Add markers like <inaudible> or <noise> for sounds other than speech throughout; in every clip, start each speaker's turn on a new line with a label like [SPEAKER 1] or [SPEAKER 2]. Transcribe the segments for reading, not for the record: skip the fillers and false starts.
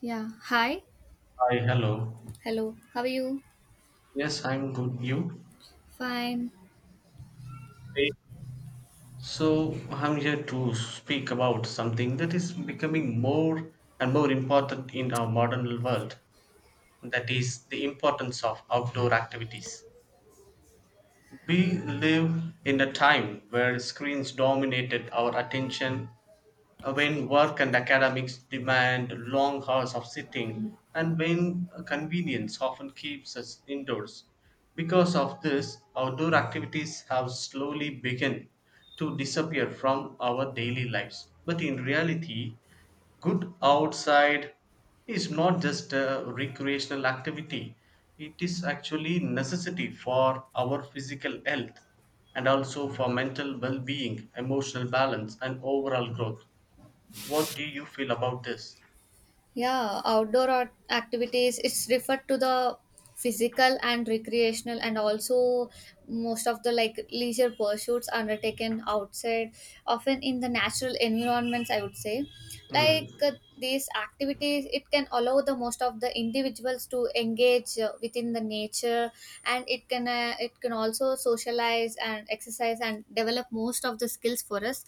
[SPEAKER 1] Yeah. Hi.
[SPEAKER 2] Hi, hello.
[SPEAKER 1] Hello, how are you?
[SPEAKER 2] Yes, I'm good. You?
[SPEAKER 1] Fine.
[SPEAKER 2] Hey. So, I'm here to speak about something that is becoming more and more important in our modern world. That is the importance of outdoor activities. We live in a time where screens dominated our attention, when work and academics demand long hours of sitting, and when convenience often keeps us indoors. Because of this, outdoor activities have slowly begun to disappear from our daily lives. But in reality, good outside is not just a recreational activity, it is actually necessity for our physical health, and also for mental well-being, emotional balance, and overall growth. What do you feel about this?
[SPEAKER 1] Yeah, outdoor art activities, it's referred to the physical and recreational and also most of the like leisure pursuits undertaken outside, often in the natural environments, I would say.
[SPEAKER 2] Hmm.
[SPEAKER 1] like uh, these activities it can allow the most of the individuals to engage within the nature and it can also socialize and exercise and develop most of the skills for us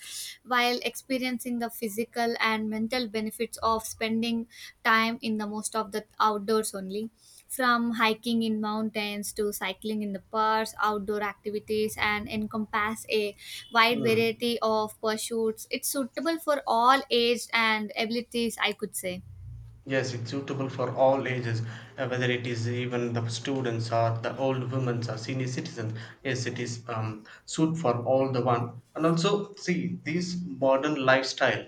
[SPEAKER 1] while experiencing the physical and mental benefits of spending time in the most of the outdoors only. From hiking in mountains to cycling in the parks, outdoor activities, and encompass a wide
[SPEAKER 2] Hmm.
[SPEAKER 1] variety of pursuits. It's suitable for all age and abilities, I could say.
[SPEAKER 2] Yes, it's suitable for all ages, whether it is even the students or the old women or senior citizens. Yes, it is suit for all the one. And also, see, this modern lifestyle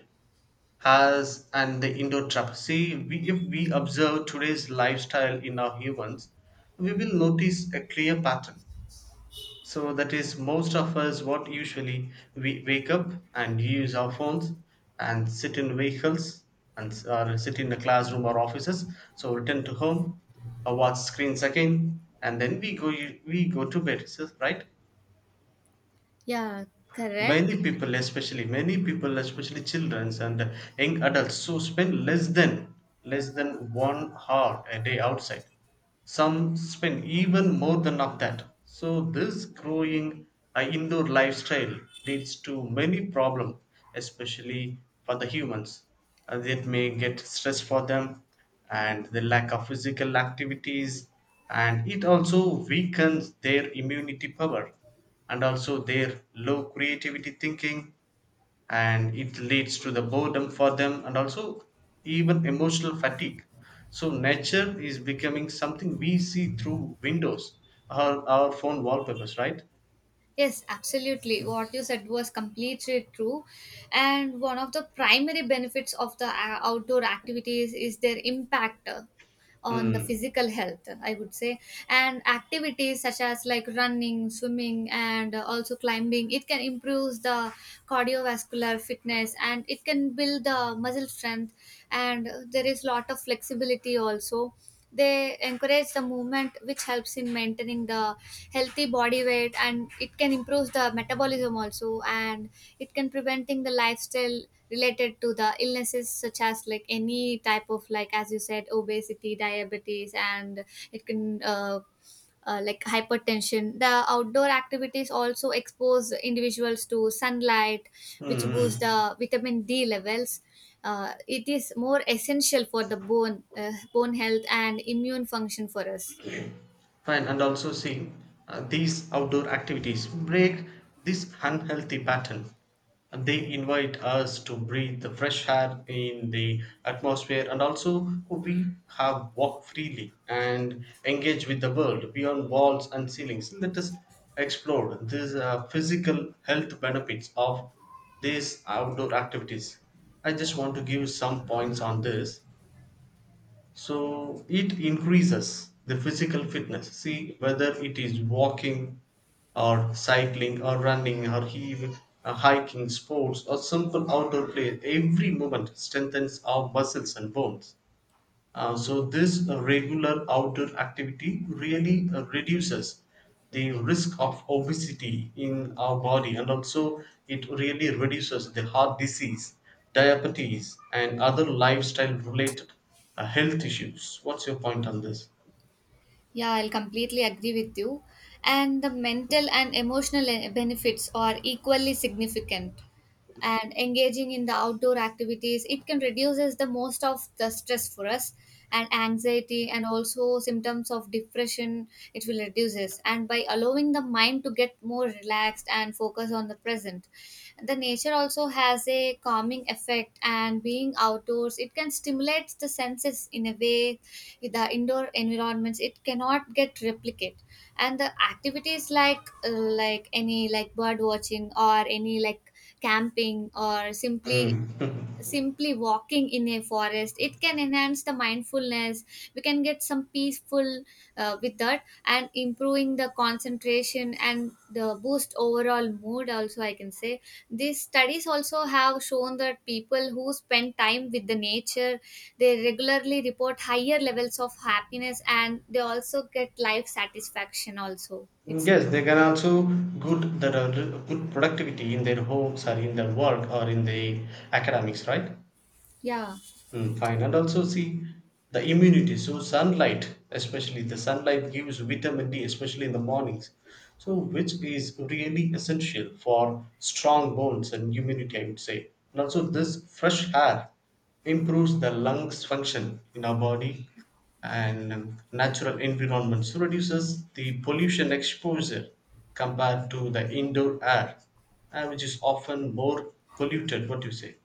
[SPEAKER 2] has and the indoor trap. See, we, if we observe today's lifestyle in our humans, we will notice a clear pattern. So that is most of us what usually we wake up and use our phones, and sit in vehicles, and or sit in the classroom or offices. So return to home, or watch screens again, and then we go to bed, right?
[SPEAKER 1] Yeah,
[SPEAKER 2] Many
[SPEAKER 1] correct.
[SPEAKER 2] people especially children and young adults so spend less than 1 hour a day outside, some spend even more than of that. So this growing indoor lifestyle leads to many problems, especially for the humans. It may get stress for them, and the lack of physical activities, and it also weakens their immunity power, and also their low creativity thinking, and it leads to the boredom for them, and also even emotional fatigue. So nature is becoming something we see through windows or our phone wallpapers, right?
[SPEAKER 1] Yes, absolutely. What you said was completely true. And one of the primary benefits of the outdoor activities is their impact on the
[SPEAKER 2] Mm.
[SPEAKER 1] physical health, I would say. And activities such as like running, swimming, and also climbing, it can improve the cardiovascular fitness, and it can build the muscle strength, and there is lot of flexibility also. They encourage the movement which helps in maintaining the healthy body weight, and it can improve the metabolism also, and it can preventing the lifestyle related to the illnesses such as like any type of, like as you said, obesity, diabetes, and it can like hypertension. The outdoor activities also expose individuals to sunlight which boosts
[SPEAKER 2] Mm-hmm.
[SPEAKER 1] the vitamin D levels. It is more essential for the bone health and immune function for us.
[SPEAKER 2] Fine, and also see, these outdoor activities break this unhealthy pattern. And they invite us to breathe the fresh air in the atmosphere, and also we have walk freely and engage with the world beyond walls and ceilings. Let us explore these physical health benefits of these outdoor activities. I just want to give some points on this. So it increases the physical fitness, see, whether it is walking or cycling or running or even hiking sports or simple outdoor play, every movement strengthens our muscles and bones. So this regular outdoor activity really reduces the risk of obesity in our body, and also it really reduces the heart disease, diabetes and other lifestyle related health issues. What's your point on this?
[SPEAKER 1] Yeah, I'll completely agree with you. And the mental and emotional benefits are equally significant. And engaging in the outdoor activities, it can reduces the most of the stress for us and anxiety, and also symptoms of depression it will reduces, and by allowing the mind to get more relaxed and focus on the present. The nature also has a calming effect, and being outdoors it can stimulate the senses in a way the indoor environments it cannot get replicate. And the activities like bird watching, or any like camping, or simply
[SPEAKER 2] Mm. <laughs>
[SPEAKER 1] simply walking in a forest, it can enhance the mindfulness. We can get some peaceful with that, and improving the concentration and the boost overall mood also, I can say. These studies also have shown that people who spend time with the nature, they regularly report higher levels of happiness, and they also get life satisfaction also, it seems.
[SPEAKER 2] Yes, they can also good that are good productivity in their homes or in their work or in the academics, right?
[SPEAKER 1] Yeah.
[SPEAKER 2] Mm, fine. And also see the immunity. So sunlight, especially the sunlight gives vitamin D, especially in the mornings. So which is really essential for strong bones and immunity, I would say. And also this fresh air improves the lungs function in our body and natural environment. So reduces the pollution exposure compared to the indoor air, and which is often more polluted. What do you say?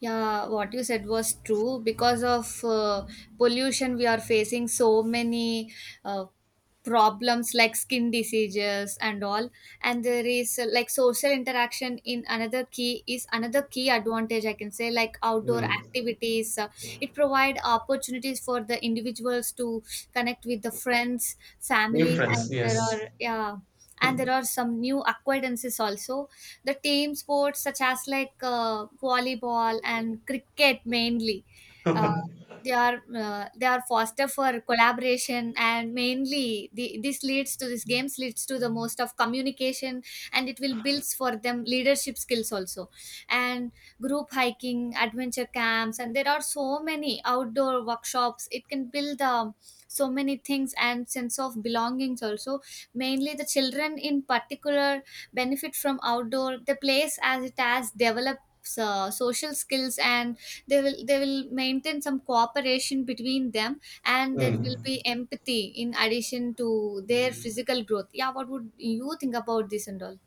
[SPEAKER 1] Yeah, what you said was true. Because of pollution, we are facing so many uh, problems like skin diseases and all. And there is like social interaction in another key is another key advantage, I can say. Like outdoor
[SPEAKER 2] Mm.
[SPEAKER 1] activities, it provide opportunities for the individuals to connect with the friends,
[SPEAKER 2] New
[SPEAKER 1] family,
[SPEAKER 2] friends,
[SPEAKER 1] and there
[SPEAKER 2] yes.
[SPEAKER 1] are, yeah, and there are some new acquaintances also. The team sports such as like volleyball and cricket mainly, uh, they are foster for collaboration, and mainly the, this leads to this games leads to the most of communication, and it will builds for them leadership skills also. And group hiking, adventure camps, and there are so many outdoor workshops, it can build so many things and sense of belongings also. Mainly the children in particular benefit from outdoor the place as it has develops social skills, and they will maintain some cooperation between them, and there will be
[SPEAKER 2] Mm.
[SPEAKER 1] empathy in addition to their physical growth. Yeah, what would you think about this and all?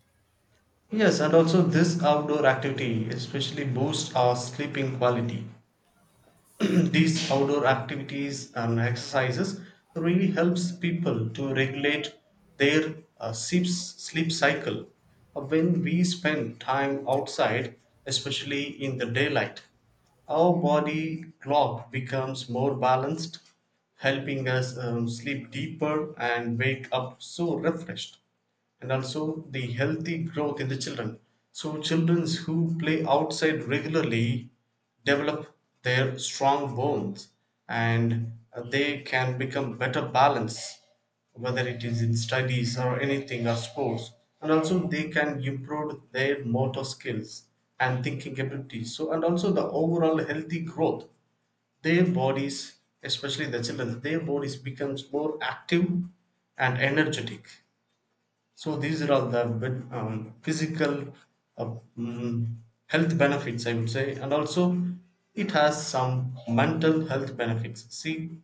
[SPEAKER 2] Yes, and also this outdoor activity especially boosts our sleeping quality. <clears throat> These outdoor activities and exercises really helps people to regulate their sleep cycle. When we spend time outside, especially in the daylight, our body clock becomes more balanced, helping us sleep deeper and wake up so refreshed. And also the healthy growth in the children. So children who play outside regularly develop their strong bones, and they can become better balanced, whether it is in studies or anything or sports. And also they can improve their motor skills and thinking abilities, so and also the overall healthy growth their bodies, especially the children, their bodies becomes more active and energetic. So these are all the physical uh, mm, health benefits, I would say, and also it has some mental health benefits. See,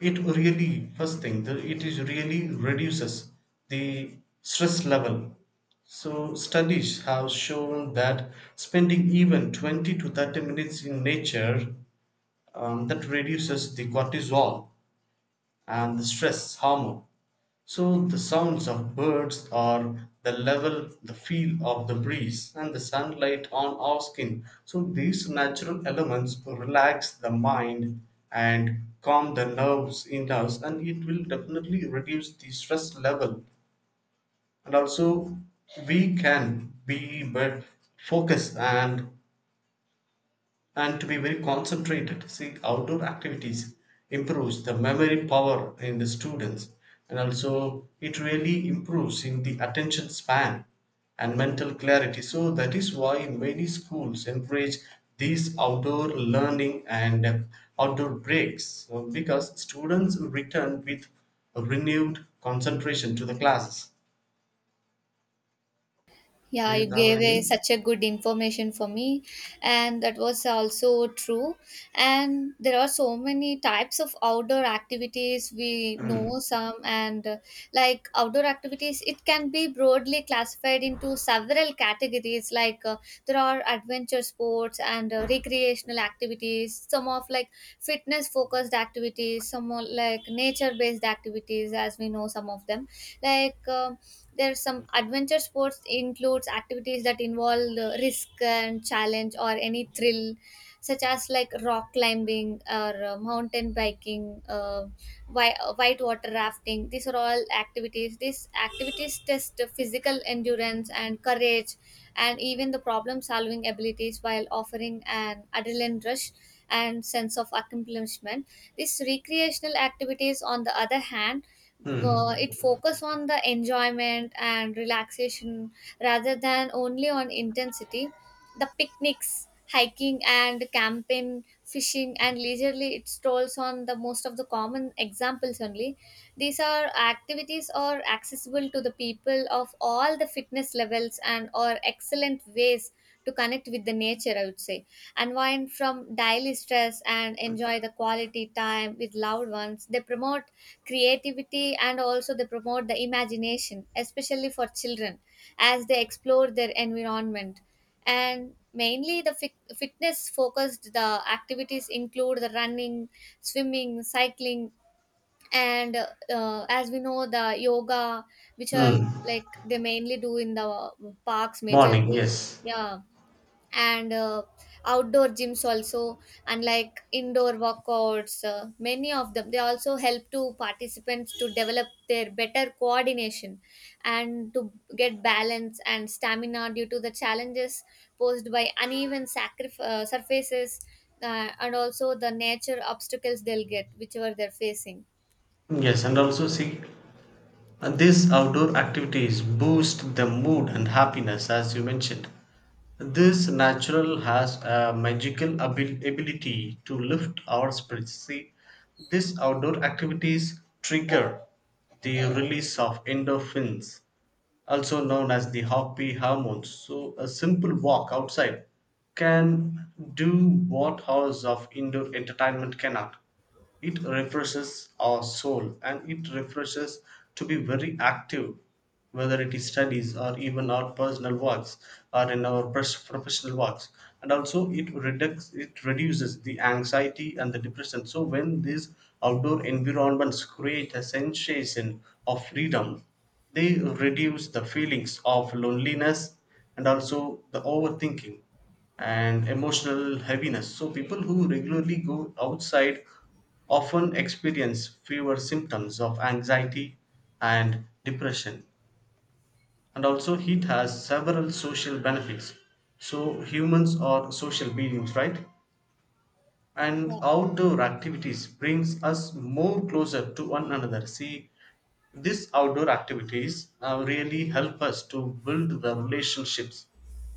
[SPEAKER 2] it really first thing it is really reduces the stress level. So studies have shown that spending even 20 to 30 minutes in nature, that reduces the cortisol and the stress hormone. So the sounds of birds or the level, the feel of the breeze and the sunlight on our skin. So these natural elements relax the mind and calm the nerves in us, and it will definitely reduce the stress level. And also we can be but focused, and to be very concentrated. See, outdoor activities improves the memory power in the students, and also it really improves in the attention span and mental clarity. So that is why many schools encourage these outdoor learning and outdoor breaks, because students return with a renewed concentration to the classes.
[SPEAKER 1] Yeah,
[SPEAKER 2] Do
[SPEAKER 1] you
[SPEAKER 2] you have
[SPEAKER 1] gave a
[SPEAKER 2] any?
[SPEAKER 1] such a good information for me, and that was also true. And there are so many types of outdoor activities. We know some, and like outdoor activities, it can be broadly classified into several categories. There are adventure sports and recreational activities, some of like fitness focused activities, some are like nature based activities, as we know some of them. Like, there are some adventure sports includes activities that involve risk and challenge or any thrill, such as like rock climbing or mountain biking, white water rafting. These are all activities, these activities test the physical endurance and courage, and even the problem solving abilities, while offering an adrenaline rush and sense of accomplishment. These recreational activities, on the other hand,
[SPEAKER 2] Hmm.
[SPEAKER 1] it focus on the enjoyment and relaxation rather than only on intensity. The picnics, hiking and camping, fishing, and leisurely it strolls on the most of the common examples only. These are activities are accessible to the people of all the fitness levels, and are excellent ways to connect with the nature, I would say. Unwind from daily stress and enjoy the quality time with loved ones. They promote creativity, and also they promote the imagination, especially for children, as they explore their environment. And mainly the fitness focused the activities include the running, swimming, cycling, and as we know the yoga, which are
[SPEAKER 2] Hmm.
[SPEAKER 1] like they mainly do in the parks
[SPEAKER 2] Morning,
[SPEAKER 1] majorly.
[SPEAKER 2] yes.
[SPEAKER 1] Yeah. And outdoor gyms also, and like indoor workouts. Many of them they also help to participants to develop their better coordination and to get balance and stamina due to the challenges posed by uneven surfaces, and also the nature obstacles they'll get whichever they're facing.
[SPEAKER 2] Yes, and also see. And these outdoor activities boost the mood and happiness, as you mentioned. This natural has a magical ability to lift our spirits. See, these outdoor activities trigger the release of endorphins, also known as the happy hormones. So, a simple walk outside can do what hours of indoor entertainment cannot. It refreshes our soul and it refreshes to be very active, whether it is studies or even our personal works or in our professional works. And also, it reduces the anxiety and the depression. So, when these outdoor environments create a sensation of freedom, they reduce the feelings of loneliness, and also the overthinking and emotional heaviness. So, people who regularly go outside often experience fewer symptoms of anxiety and depression. And also, heat has several social benefits. So, humans are social beings, right?
[SPEAKER 1] Yeah.
[SPEAKER 2] And outdoor activities brings us more closer to one another. See, these outdoor activities really help us to build the relationships,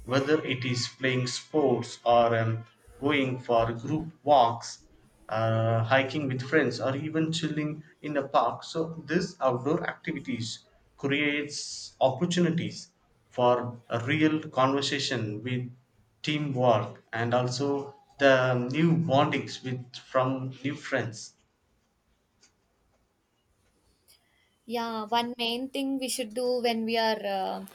[SPEAKER 2] whether it is playing sports or going for group walks, hiking with friends or even chilling in a park. So these outdoor activities creates opportunities for a real conversation with teamwork, and also the new bondings with from new friends.
[SPEAKER 1] Yeah, one main thing we should do when we are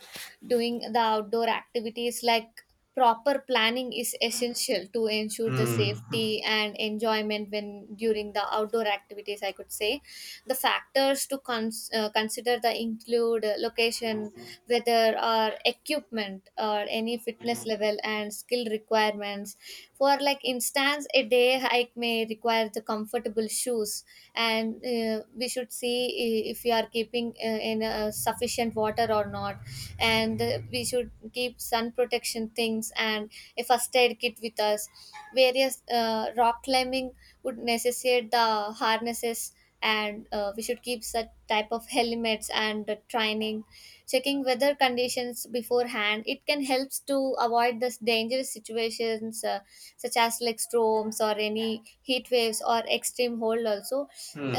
[SPEAKER 1] doing the outdoor activities, like proper planning is essential to ensure the
[SPEAKER 2] Hmm.
[SPEAKER 1] safety and enjoyment when during the outdoor activities, I could say. The factors to consider the include location, weather, or equipment, or any fitness level and skill requirements. For like instance, a day hike may require the comfortable shoes, and we should see if we are keeping in sufficient water or not, and we should keep sun protection things and a first aid kit with us. Various rock climbing would necessitate the harnesses, and we should keep such type of helmets and training. Checking weather conditions beforehand, it can helps to avoid this dangerous situations, such as like storms or any heat waves or extreme cold also.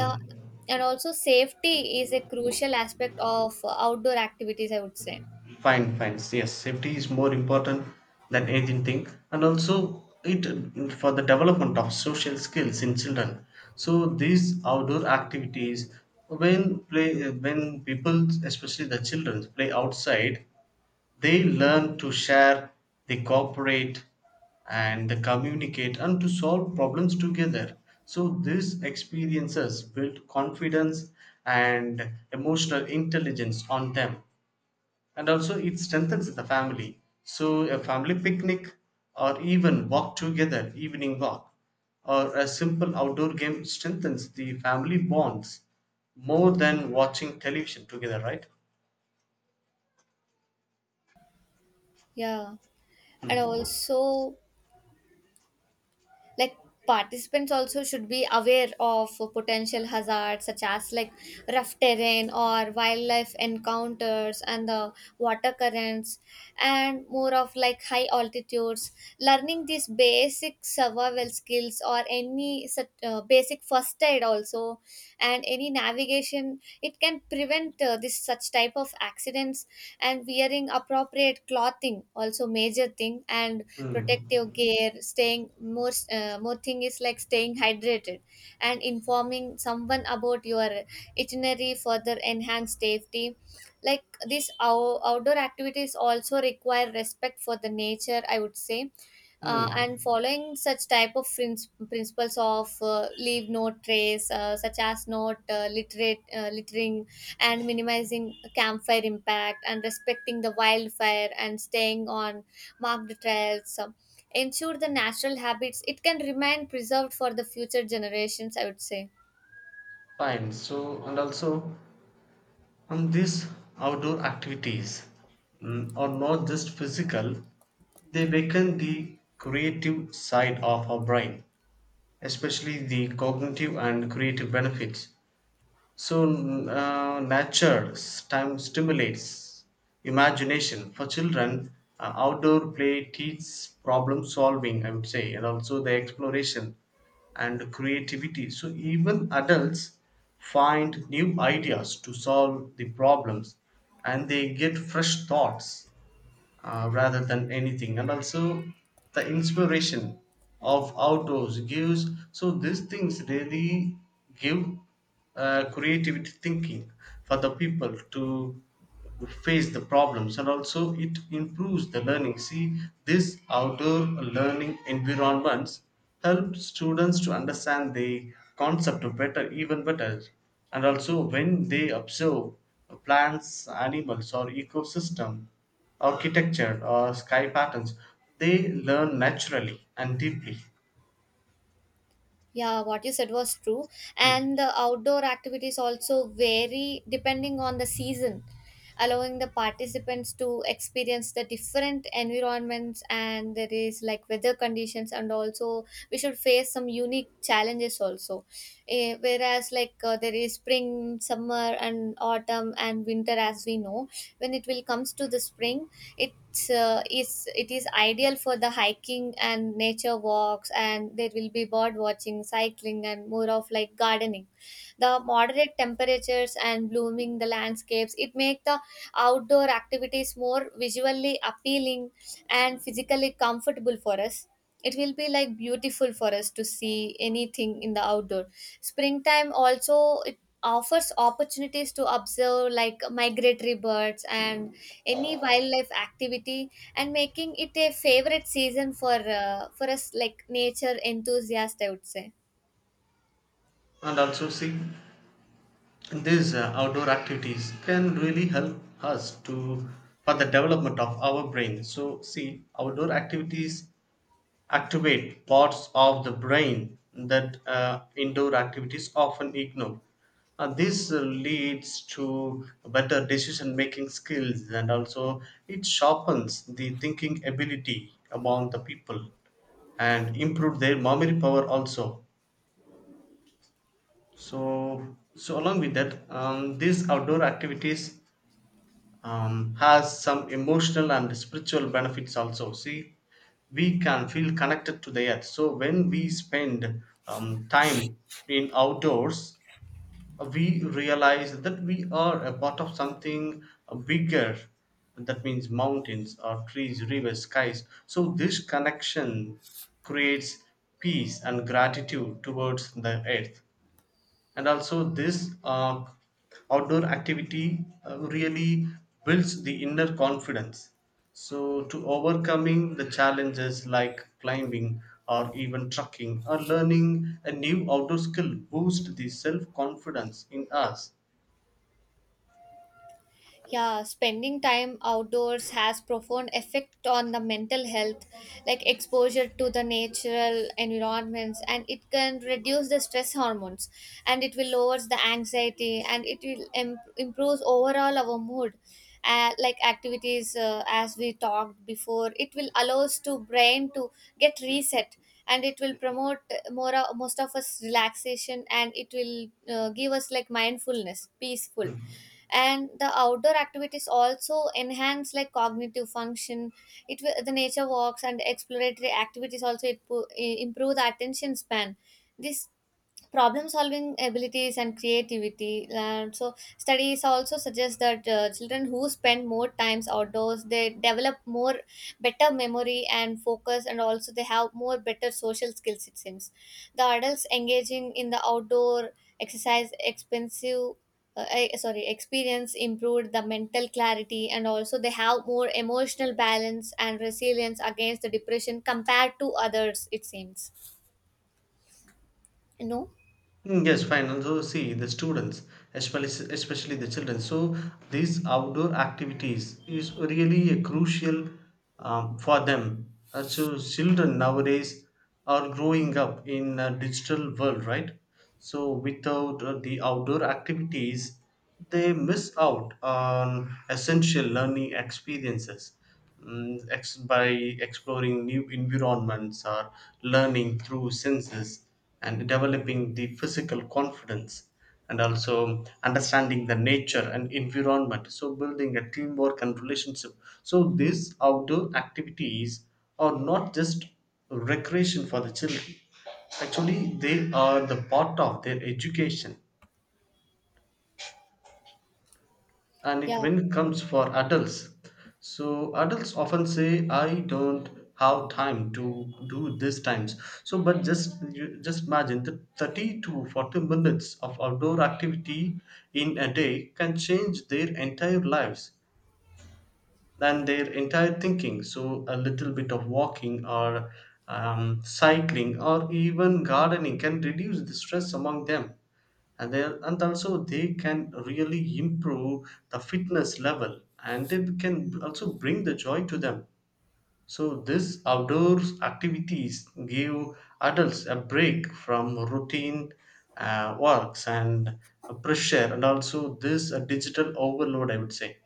[SPEAKER 1] uh, and also safety is a crucial aspect of outdoor activities, I would say.
[SPEAKER 2] Fine, fine. Yes, safety is more important than anything think, and also it for the development of social skills in children. So these outdoor activities, when people, especially the children, play outside, they learn to share, they cooperate, and they communicate and to solve problems together. So these experiences build confidence and emotional intelligence on them. And also it strengthens the family. So a family picnic or even walk together evening walk or a simple outdoor game strengthens the family bonds more than watching television together, right?
[SPEAKER 1] Yeah. And
[SPEAKER 2] Hmm.
[SPEAKER 1] also, like participants also should be aware of potential hazards such as like rough terrain, or wildlife encounters, and the water currents, and more of like high altitudes. Learning these basic survival skills, or any such basic first aid also, and any navigation, it can prevent this such type of accidents. And wearing appropriate clothing also major thing, and protective
[SPEAKER 2] Hmm.
[SPEAKER 1] gear, staying more more thing is like staying hydrated and informing someone about your itinerary, further enhance safety. Like this, our outdoor activities also require respect for the nature, I would say. And
[SPEAKER 2] Mm.
[SPEAKER 1] following such type of principles of leave no trace, such as not littering, and minimizing campfire impact, and respecting the wildfire, and staying on marked trails. Ensure the natural habits it can remain preserved for the future generations, I would say.
[SPEAKER 2] Fine, so and also, these outdoor activities, are not just physical, they awaken the creative side of our brain, especially the cognitive and creative benefits. So nature time stimulates imagination for children. Outdoor play teaches problem solving, I would say, and also the exploration and creativity. So even adults find new ideas to solve the problems, and they get fresh thoughts, rather than anything. And also the inspiration of outdoors gives, so these things really give creativity thinking for the people to face the problems. And also it improves the learning. See, this outdoor learning environments help students to understand the concept of better even better. And also when they observe plants, animals or ecosystem, architecture or sky patterns, they learn naturally and deeply.
[SPEAKER 1] Yeah, what you said was true.
[SPEAKER 2] Hmm.
[SPEAKER 1] And the outdoor activities also vary depending on the season, allowing the participants to experience the different environments, and there is like weather conditions, and also we should face some unique challenges also. Eh, whereas, like, there is spring, summer, and autumn, and winter, as we know. When it will comes to the spring, it is ideal for the hiking and nature walks, and there will be bird watching, cycling, and more of like gardening. The moderate temperatures and blooming the landscapes it make the outdoor activities more visually appealing and physically comfortable for us. It will be like beautiful for us to see anything in the outdoor. Springtime also it offers opportunities to observe like migratory birds and any wildlife activity, and making it a favorite season for us, like nature enthusiasts, I would say.
[SPEAKER 2] And also see, these outdoor activities can really help us to for the development of our brain. So see, outdoor activities activate parts of the brain that indoor activities often ignore. And this leads to better decision making skills, and also it sharpens the thinking ability among the people and improve their memory power also. So along with that, these outdoor activities has some emotional and spiritual benefits also. See, we can feel connected to the earth. So when we spend time in outdoors, we realize that we are a part of something bigger. That means mountains or trees, rivers, skies. So this connection creates peace and gratitude towards the earth. And also this outdoor activity really builds the inner confidence. So to overcoming the challenges like climbing or even trekking or learning a new outdoor skill boost the self confidence in us.
[SPEAKER 1] Yeah, spending time outdoors has profound effect on the mental health, like exposure to the natural environments, and it can reduce the stress hormones, and it will lowers the anxiety, and it will improves overall our mood. Like activities, as we talked before, it will allows to brain to get reset, and it will promote more most of us relaxation, and it will give us like mindfulness, peaceful. And the outdoor activities also enhance like cognitive function. It will the nature walks and exploratory activities also it improve the attention span, this problem solving abilities and creativity. And so studies also suggest that children who spend more times outdoors they develop more better memory and focus, and also they have more better social skills, it seems. The adults engaging in the outdoor exercise expensive, sorry, experience improved the mental clarity, and also they have more emotional balance and resilience against the depression compared to others, it seems. No,
[SPEAKER 2] Mm, yes, fine. And so see the students, especially the children. So these outdoor activities is really a crucial for them. So children nowadays are growing up in a digital world, right? So without the outdoor activities, they miss out on essential learning experiences by exploring new environments or learning through senses and developing the physical confidence, and also understanding the nature and environment, so building a teamwork and relationship. So these outdoor activities are not just recreation for the children, actually they are the part of their education. And it,
[SPEAKER 1] yeah.
[SPEAKER 2] when it comes for adults, so adults often say I don't have time to do these times. So but just you just imagine that 30 to 40 minutes of outdoor activity in a day can change their entire lives and their entire thinking. So a little bit of walking or cycling or even gardening can reduce the stress among them. And then and also they can really improve the fitness level and they can also bring the joy to them. So this outdoors activities give adults a break from routine works and pressure, and also this digital overload, I would say.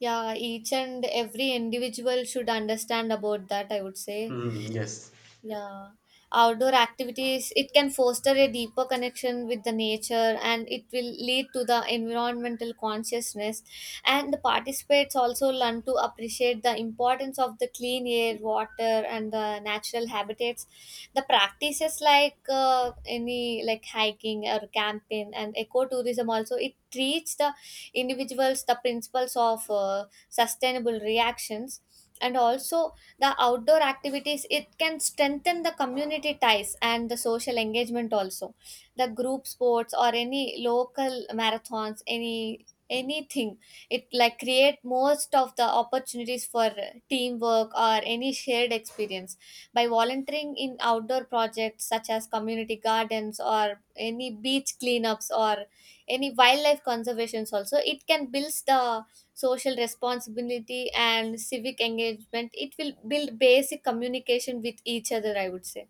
[SPEAKER 1] Yeah, each and every individual should understand about that, I would say.
[SPEAKER 2] Hmm, yes.
[SPEAKER 1] Yeah, outdoor activities, it can foster a deeper connection with the nature and it will lead to the environmental consciousness. And the participants also learn to appreciate the importance of the clean air, water, and the natural habitats. The practices like any like hiking or camping and ecotourism also it teach the individuals the principles of sustainable reactions. And also the outdoor activities it can strengthen the community ties and the social engagement also, the group sports or any local marathons, any anything, it like create most of the opportunities for teamwork or any shared experience. By volunteering in outdoor projects such as community gardens or any beach cleanups or any wildlife conservations also it can builds the social responsibility and civic engagement, it will build basic communication with each other, I would say.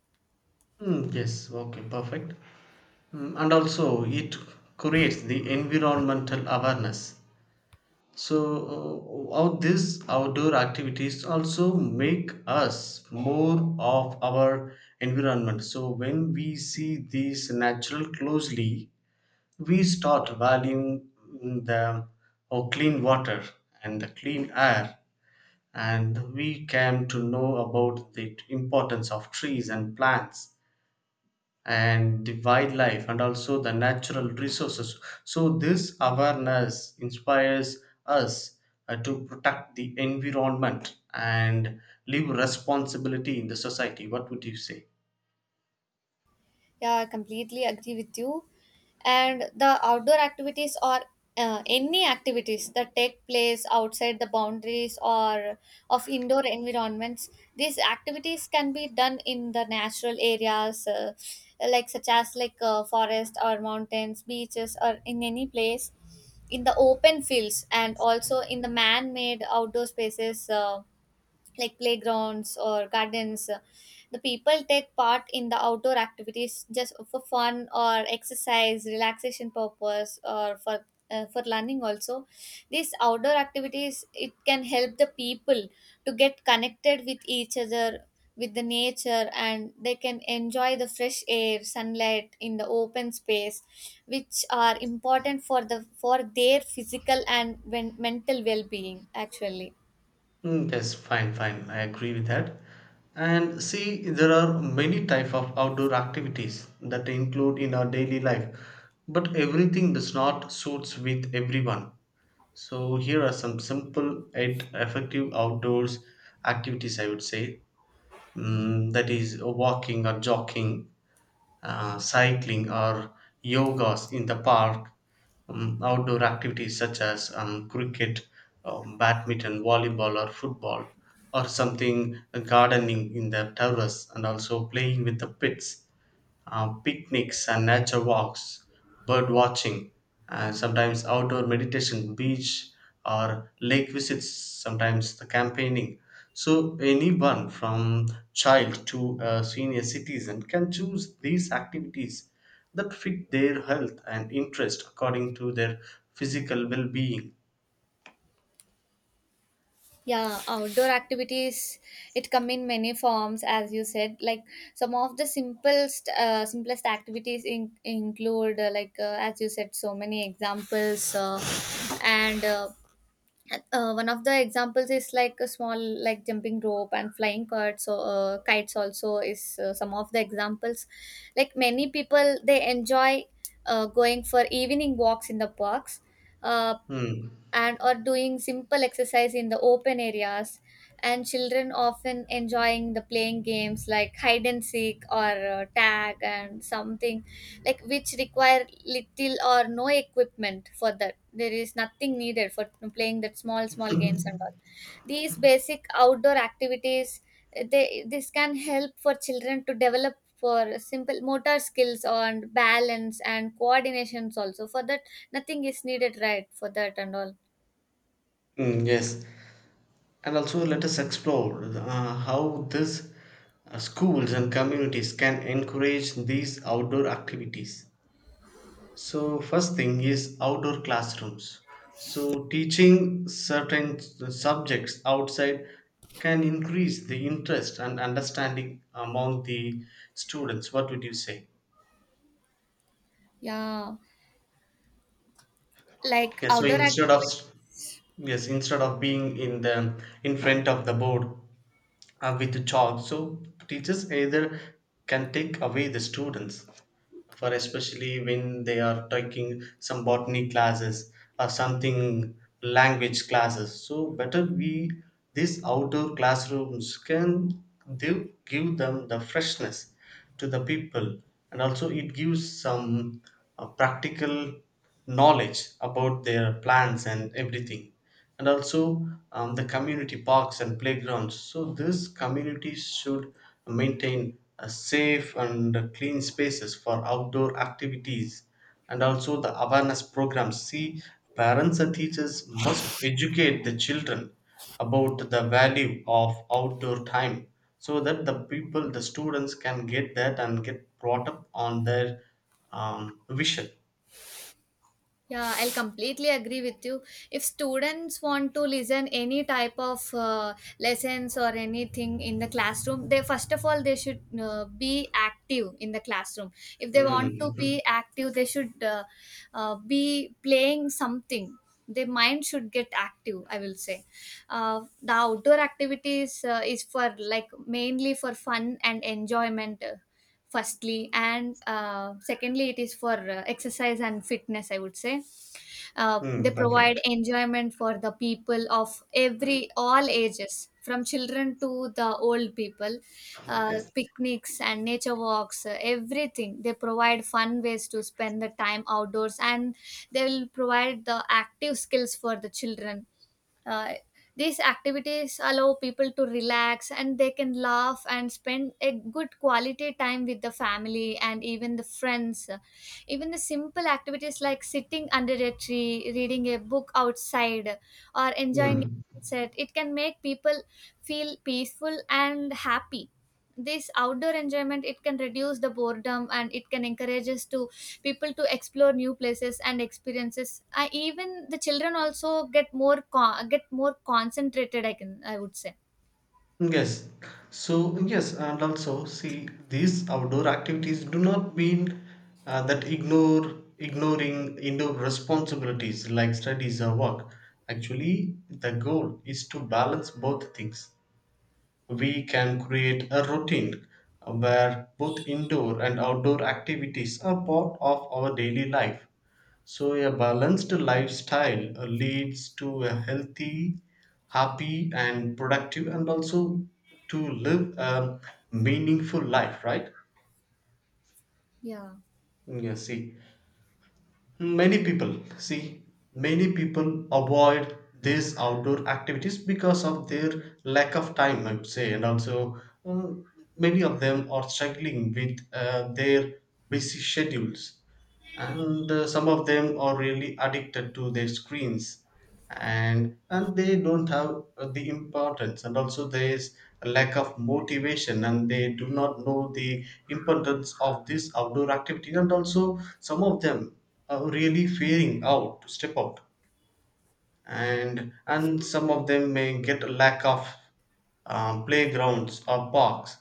[SPEAKER 2] Hmm, yes. Okay. Perfect. Hmm, and also, it creates the environmental awareness. So, all these outdoor activities also make us more of our environment. So, when we see these natural closely, we start valuing the or clean water and the clean air, and we came to know about the importance of trees and plants and the wildlife and also the natural resources. So, this awareness inspires us to protect the environment and leave responsibility in the society. What would you say?
[SPEAKER 1] Yeah, I completely agree with you. And the outdoor activities or any activities that take place outside the boundaries or of indoor environments, these activities can be done in the natural areas, like such as forest or mountains, beaches, or in any place in the open fields, and also in the man-made outdoor spaces, like playgrounds or gardens. The people take part in the outdoor activities just for fun or exercise, relaxation purpose, or for learning also. These outdoor activities it can help the people to get connected with each other, with the nature, and they can enjoy the fresh air, sunlight in the open space, which are important for their physical and mental well-being actually.
[SPEAKER 2] Mm, yes, fine, fine. I agree with that. And see, there are many type of outdoor activities that include in our daily life, but everything does not suits with everyone. So here are some simple yet effective outdoors activities, I would say. Mm, that is walking or jogging, cycling or yogas in the park, outdoor activities such as cricket, badminton, volleyball or football or something, gardening in the terrace and also playing with the pets, picnics and nature walks, bird watching, and sometimes outdoor meditation, beach or lake visits, sometimes the campaigning. So anyone from child to a senior citizen can choose these activities that fit their health and interest according to their physical well-being.
[SPEAKER 1] Yeah, outdoor activities it come in many forms, as you said. Like some of the simplest, simplest activities in, include as you said, so many examples, and one of the examples is like a small like jumping rope and flying kites. So kites also is some of the examples. Like many people, they enjoy going for evening walks in the parks. Uh,
[SPEAKER 2] Hmm.
[SPEAKER 1] and or doing simple exercise in the open areas, and children often enjoying the playing games like hide and seek or tag and something, like which require little or no equipment, for that there is nothing needed for playing that small small games and all. These basic outdoor activities eh, they this can help for children to develop for simple motor skills on balance and coordinations, also for that nothing is needed, right, for that and all.
[SPEAKER 2] Mm, yes. And also, let us explore how these schools and communities can encourage these outdoor activities. So, first thing is outdoor classrooms. So, teaching certain subjects outside can increase the interest and understanding among the students. What would you say?
[SPEAKER 1] Yeah, like
[SPEAKER 2] Yes. So
[SPEAKER 1] outdoor
[SPEAKER 2] instead of,
[SPEAKER 1] activities.
[SPEAKER 2] yes, instead of being in the in front of the board, with the chalk, so teachers either can take away the students for, especially when they are taking some botany classes or something, language classes, so better we, these outdoor classrooms can, they give them the freshness to the people, and also it gives some practical knowledge about their plants and everything. And also the community parks and playgrounds. So these communities should maintain a safe and clean spaces for outdoor activities, and also the awareness programs. See, parents and teachers must educate the children about the value of outdoor time so that the people, the students can get that and get brought up on their vision.
[SPEAKER 1] Yeah, I'll completely agree with you. If students want to listen any type of lessons or anything in the classroom, they first of all they should be active in the classroom. If they want to
[SPEAKER 2] Mm.
[SPEAKER 1] be active, they should be playing something. Their mind should get active, I will say. The outdoor activities is for like mainly for fun and enjoyment firstly, and secondly it is for exercise and fitness, I would say. They
[SPEAKER 2] Mm, <laughs>
[SPEAKER 1] provide
[SPEAKER 2] perfect.
[SPEAKER 1] enjoyment for the people of every all ages from children to the old people.
[SPEAKER 2] Yes.
[SPEAKER 1] Picnics and nature walks, everything, they provide fun ways to spend the time outdoors, and they will provide the active skills for the children. uh, these activities allow people to relax, and they can laugh and spend a good quality time with the family and even the friends. Even the simple activities like sitting under a tree, reading a book outside, or enjoying
[SPEAKER 2] Mm.
[SPEAKER 1] a set, it can make people feel peaceful and happy. This outdoor enjoyment it can reduce the boredom, and it can encourage us to people to explore new places and experiences. I, even the children also get get more concentrated, I can, I would say.
[SPEAKER 2] Yes. So, yes, and also see these outdoor activities do not mean that ignore, ignoring indoor responsibilities like studies or work. Actually, the goal is to balance both things. We can create a routine where both indoor and outdoor activities are part of our daily life. So, a balanced lifestyle leads to a healthy, happy, and productive, and also to live a meaningful life, right?
[SPEAKER 1] Yeah,
[SPEAKER 2] Yeah, see, many people avoid these outdoor activities because of their lack of time, I would say, and also uh, many of them are struggling with their busy schedules, and some of them are really addicted to their screens, and they don't have the importance, and also there is a lack of motivation and they do not know the importance of this outdoor activity. And also some of them are really fearing out to step out, and some of them may get a lack of playgrounds or parks.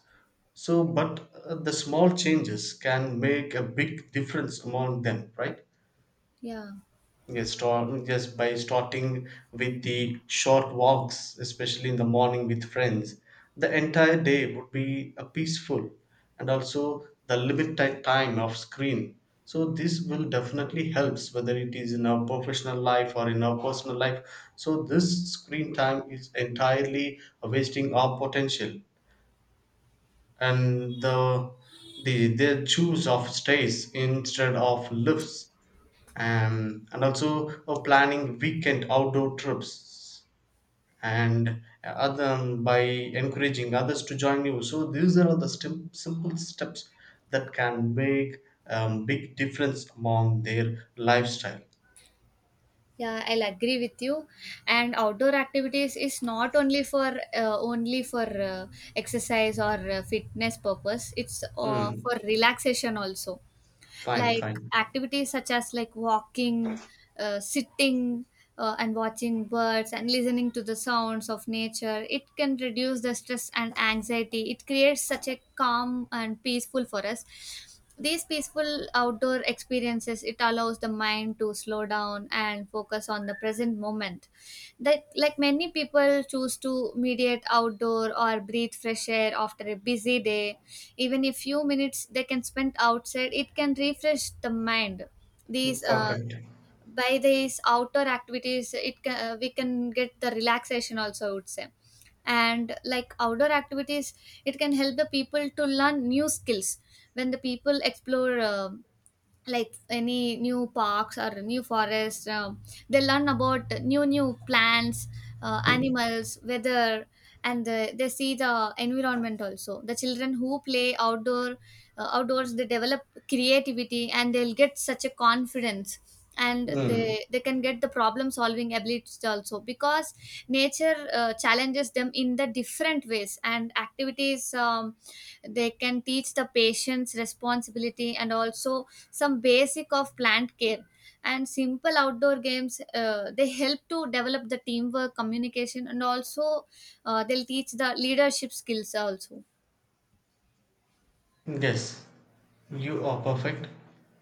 [SPEAKER 2] So but the small changes can make a big difference among them, right?
[SPEAKER 1] yeah,
[SPEAKER 2] Yes, start, yes, by starting with the short walks, especially in the morning with friends, the entire day would be a peaceful, and also the limited time of screen. So this will definitely helps whether it is in our professional life or in our personal life. So this screen time is entirely wasting our potential and the their choose of stays instead of lifts, and also planning weekend outdoor trips, and other, by encouraging others to join you. So these are the simple steps that can make big difference among their lifestyle.
[SPEAKER 1] yeah, I'll agree with you. And outdoor activities is not only for uh, only for uh, exercise or fitness purpose. It's
[SPEAKER 2] Mm,
[SPEAKER 1] for relaxation also.
[SPEAKER 2] fine,
[SPEAKER 1] Like
[SPEAKER 2] fine.
[SPEAKER 1] activities such as like walking, sitting, and watching birds and listening to the sounds of nature, it can reduce the stress and anxiety, it creates such a calm and peaceful for us. These peaceful outdoor experiences it allows the mind to slow down and focus on the present moment. That like many people choose to mediate outdoor or breathe fresh air after a busy day. Even a few minutes they can spend outside, it can refresh the mind. These
[SPEAKER 2] Perfect.
[SPEAKER 1] By these outdoor activities it can, we can get the relaxation also, I would say. And like outdoor activities it can help the people to learn new skills. When the people explore like any new parks or new forest, they learn about new new plants,
[SPEAKER 2] <laughs>
[SPEAKER 1] animals, weather, and the, they see the environment also. The children who play outdoor, outdoors, they develop creativity, and they'll get such a confidence, and
[SPEAKER 2] Mm,
[SPEAKER 1] they can get the problem solving abilities also, because nature challenges them in the different ways. And activities they can teach the patience, responsibility, and also some basic of plant care. And simple outdoor games they help to develop the teamwork, communication, and also they'll teach the leadership skills also.
[SPEAKER 2] yes. You are perfect.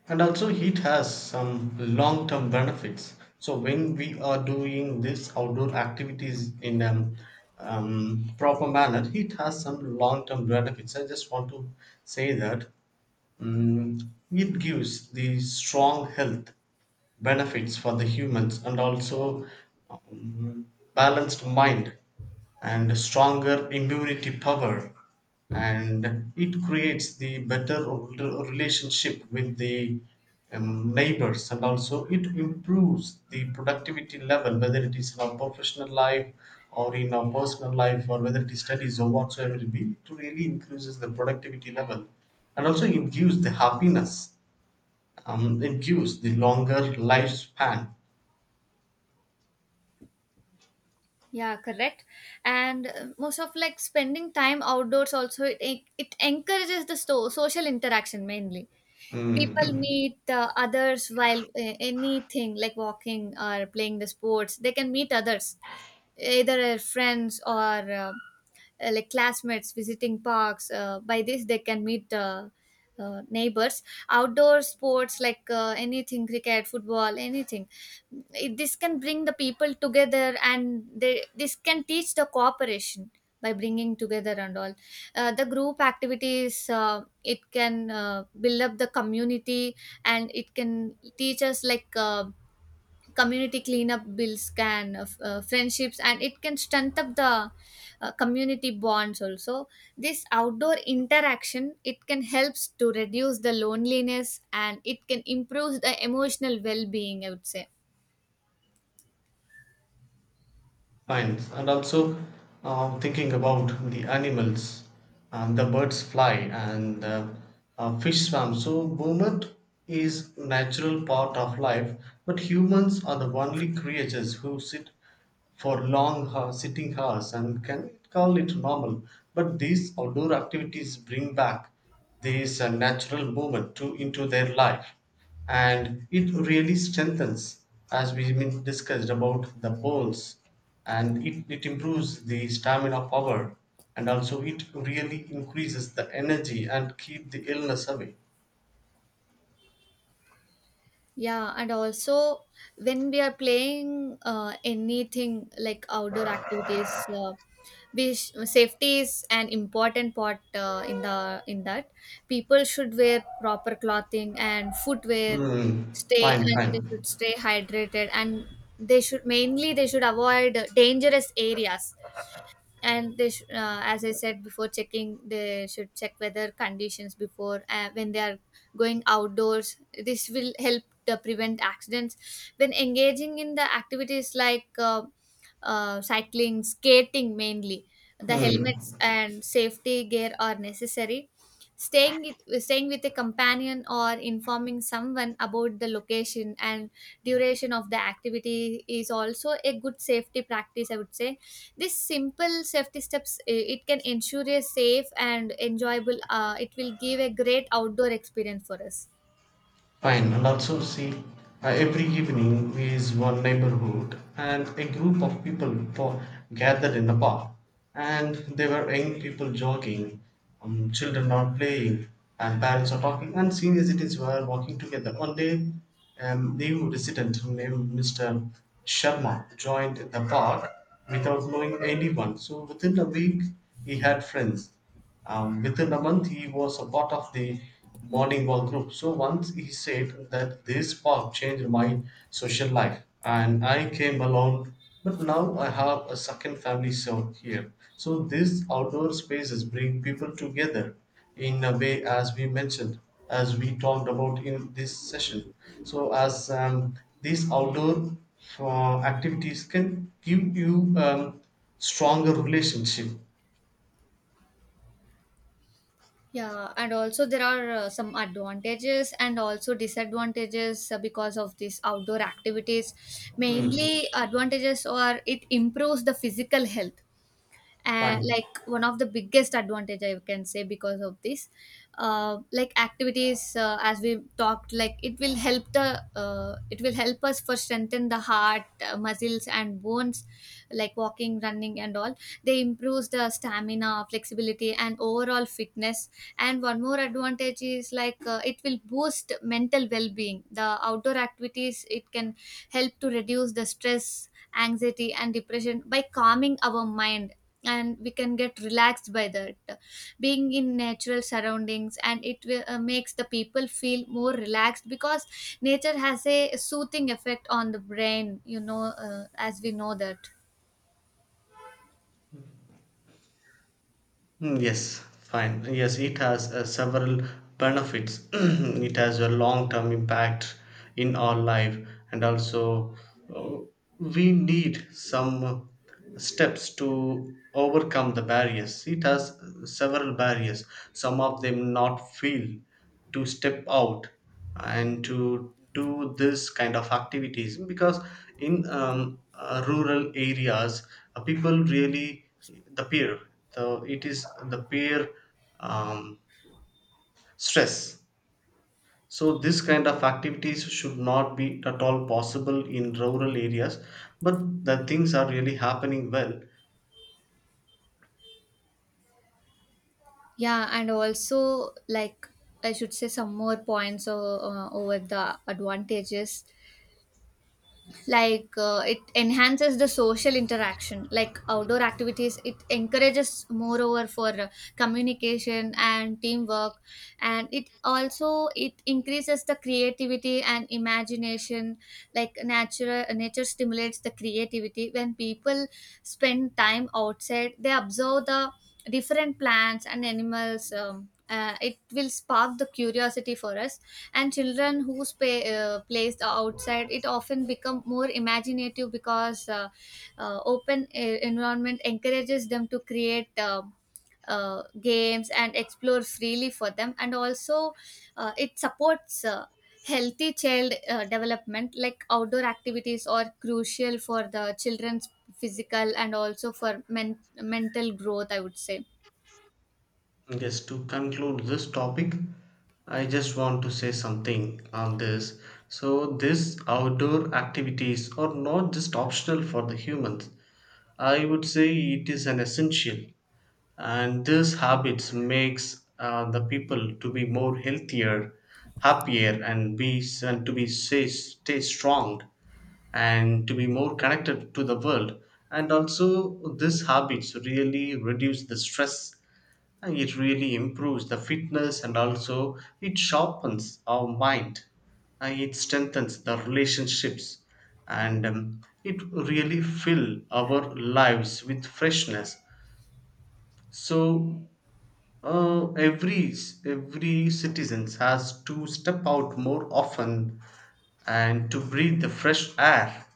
[SPEAKER 2] And also, heat has some long term benefits. So, when we are doing these outdoor activities in a proper manner, heat has some long term benefits. I just want to say that, mm, it gives the strong health benefits for the humans, and also, um, balanced mind and stronger immunity power, and it creates the better relationship with the neighbors. And also it improves the productivity level whether it is in our professional life or in our personal life, or whether it is studies or whatsoever it be, it really increases the productivity level. And also it gives the happiness, it gives the longer lifespan.
[SPEAKER 1] Yeah, correct. And most of like spending time outdoors also it it encourages the social interaction mainly. People meet others while anything like walking or playing the sports. They can meet others, either friends or like classmates visiting parks. By this, they can meet neighbors. Outdoor sports like anything, cricket, football, anything, this can bring the people together, and they this can teach the cooperation by bringing together and all. The group activities it can build up the community, and it can teach us like. Community cleanup bills can friendships, and it can strengthen up the community bonds also. This outdoor interaction it can helps to reduce the loneliness, and it can improve the emotional well-being, I would say.
[SPEAKER 2] Fine, and also, thinking about the animals, the birds fly, and fish swim. So movement is natural part of life, but humans are the only creatures who sit for sitting hours and can call it normal. But these outdoor activities bring back, there is a natural movement too into their life, and it really strengthens, as we discussed about the bones, and it improves the stamina power, and also it really increases the energy and keep the illness away.
[SPEAKER 1] Yeah, and also when we are playing anything like outdoor activities, safety is an important part in the in that. People should wear proper clothing and footwear,
[SPEAKER 2] Hmm.
[SPEAKER 1] stay
[SPEAKER 2] Fine,
[SPEAKER 1] and
[SPEAKER 2] fine.
[SPEAKER 1] they should stay hydrated, and they should mainly they should avoid dangerous areas. And as I said before checking, they should check weather conditions before when they are going outdoors. This will help to prevent accidents. When engaging in the activities like cycling, skating, mainly the helmets
[SPEAKER 2] Hmm.
[SPEAKER 1] and safety gear are necessary. staying Staying with a companion or informing someone about the location and duration of the activity is also a good safety practice, I would say. This simple safety steps it can ensure a safe and enjoyable. It will give a great outdoor experience for us.
[SPEAKER 2] Fine, and also see, every evening is one neighborhood, and a group of people for, gathered in a park, and there were young people jogging, children are playing, and parents are talking, and senior citizens were walking together. One day, new resident named Mr. Sharma joined the park without knowing anyone. So within a week, he had friends. Within a month, he was a part of the morning wall group. So once he said that this park changed my social life, and I came along. But now I have a second family so here. So these outdoor spaces bring people together in a way, as we mentioned, as we talked about in this session. So as, these outdoor activities can give you stronger relationship.
[SPEAKER 1] Yeah, and also there are some advantages and also disadvantages because of these outdoor activities.
[SPEAKER 2] Hmm,
[SPEAKER 1] Mainly, advantages are it improves the physical health,
[SPEAKER 2] fine.
[SPEAKER 1] like one of the biggest advantage I can say because of this like activities. As we talked, like it will help the it will help us for strengthen the heart, muscles and bones, like walking, running and all. They improves the stamina, flexibility, and overall fitness. And one more advantage is like it will boost mental well-being. The outdoor activities it can help to reduce the stress, anxiety, and depression by calming our mind, and we can get relaxed by that. Being in natural surroundings, and it will, makes the people feel more relaxed, because nature has a soothing effect on the brain, you know, as we know that.
[SPEAKER 2] Mm, yes, fine. Yes, it has several benefits. <clears throat> It has a long term impact in our life, and also uh, we need some steps to overcome the barriers. It has several barriers, some of them not feel to step out and to do this kind of activities because in rural areas, people really the peer, so it is the peer, um, stress. So this kind of activities should not be at all possible in rural areas, but the things are really happening well.
[SPEAKER 1] Yeah, and also like I should say some more points, over the advantages. Like it enhances the social interaction, like outdoor activities it encourages moreover for communication and teamwork. And it also it increases the creativity and imagination, like natural nature stimulates the creativity. When people spend time outside, they observe the different plants and animals, it will spark the curiosity for us. And children who placed outside it often become more imaginative, because open environment encourages them to create games and explore freely for them. And also it supports healthy child development, like outdoor activities are crucial for the children's physical and also for mental growth, I would say.
[SPEAKER 2] Yes, to conclude this topic, I just want to say something on this. So these outdoor activities are not just optional for the humans, I would say. It is an essential, and these habits makes the people to be more healthier, happier, and be, and to be stay, stay strong and to be more connected to the world. And also these habits really reduce the stress and it really improves the fitness, and also it sharpens our mind and it strengthens the relationships, and it really fill our lives with freshness. So Every every citizens has to step out more often and to breathe the fresh air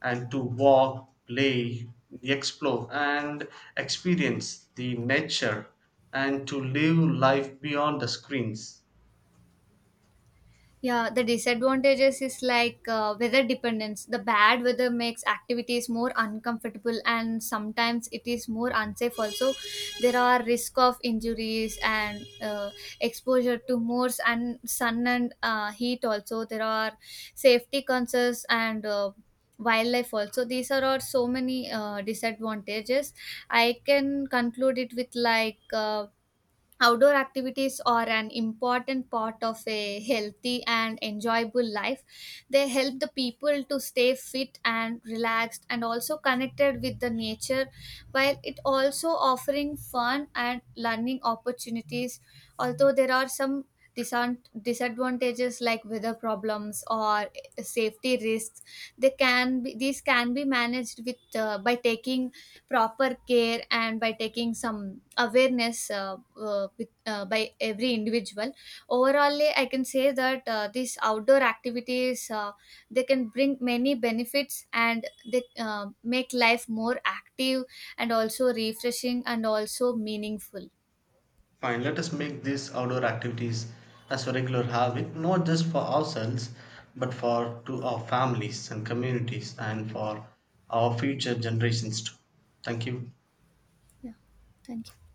[SPEAKER 2] and to walk, play, explore and experience the nature, and to live life beyond the screens.
[SPEAKER 1] Yeah, the disadvantages is like weather dependence. The bad weather makes activities more uncomfortable, and sometimes it is more unsafe also. There are risk of injuries, and exposure to more and sun and heat also. There are safety concerns and wildlife also. These are all so many disadvantages. I can conclude it with like outdoor activities are an important part of a healthy and enjoyable life. They help the people to stay fit and relaxed and also connected with the nature, while it also offering fun and learning opportunities. Although there are some disan- disadvantages like weather problems or safety risks, they can be these can be managed with by taking proper care and by taking some awareness by every individual. Overall I can say that these outdoor activities they can bring many benefits, and they make life more active and also refreshing and also meaningful.
[SPEAKER 2] Fine, let us make these outdoor activities as a regular habit, not just for ourselves, but for to our families and communities and for our future generations too. Thank you.
[SPEAKER 1] Yeah, thank you.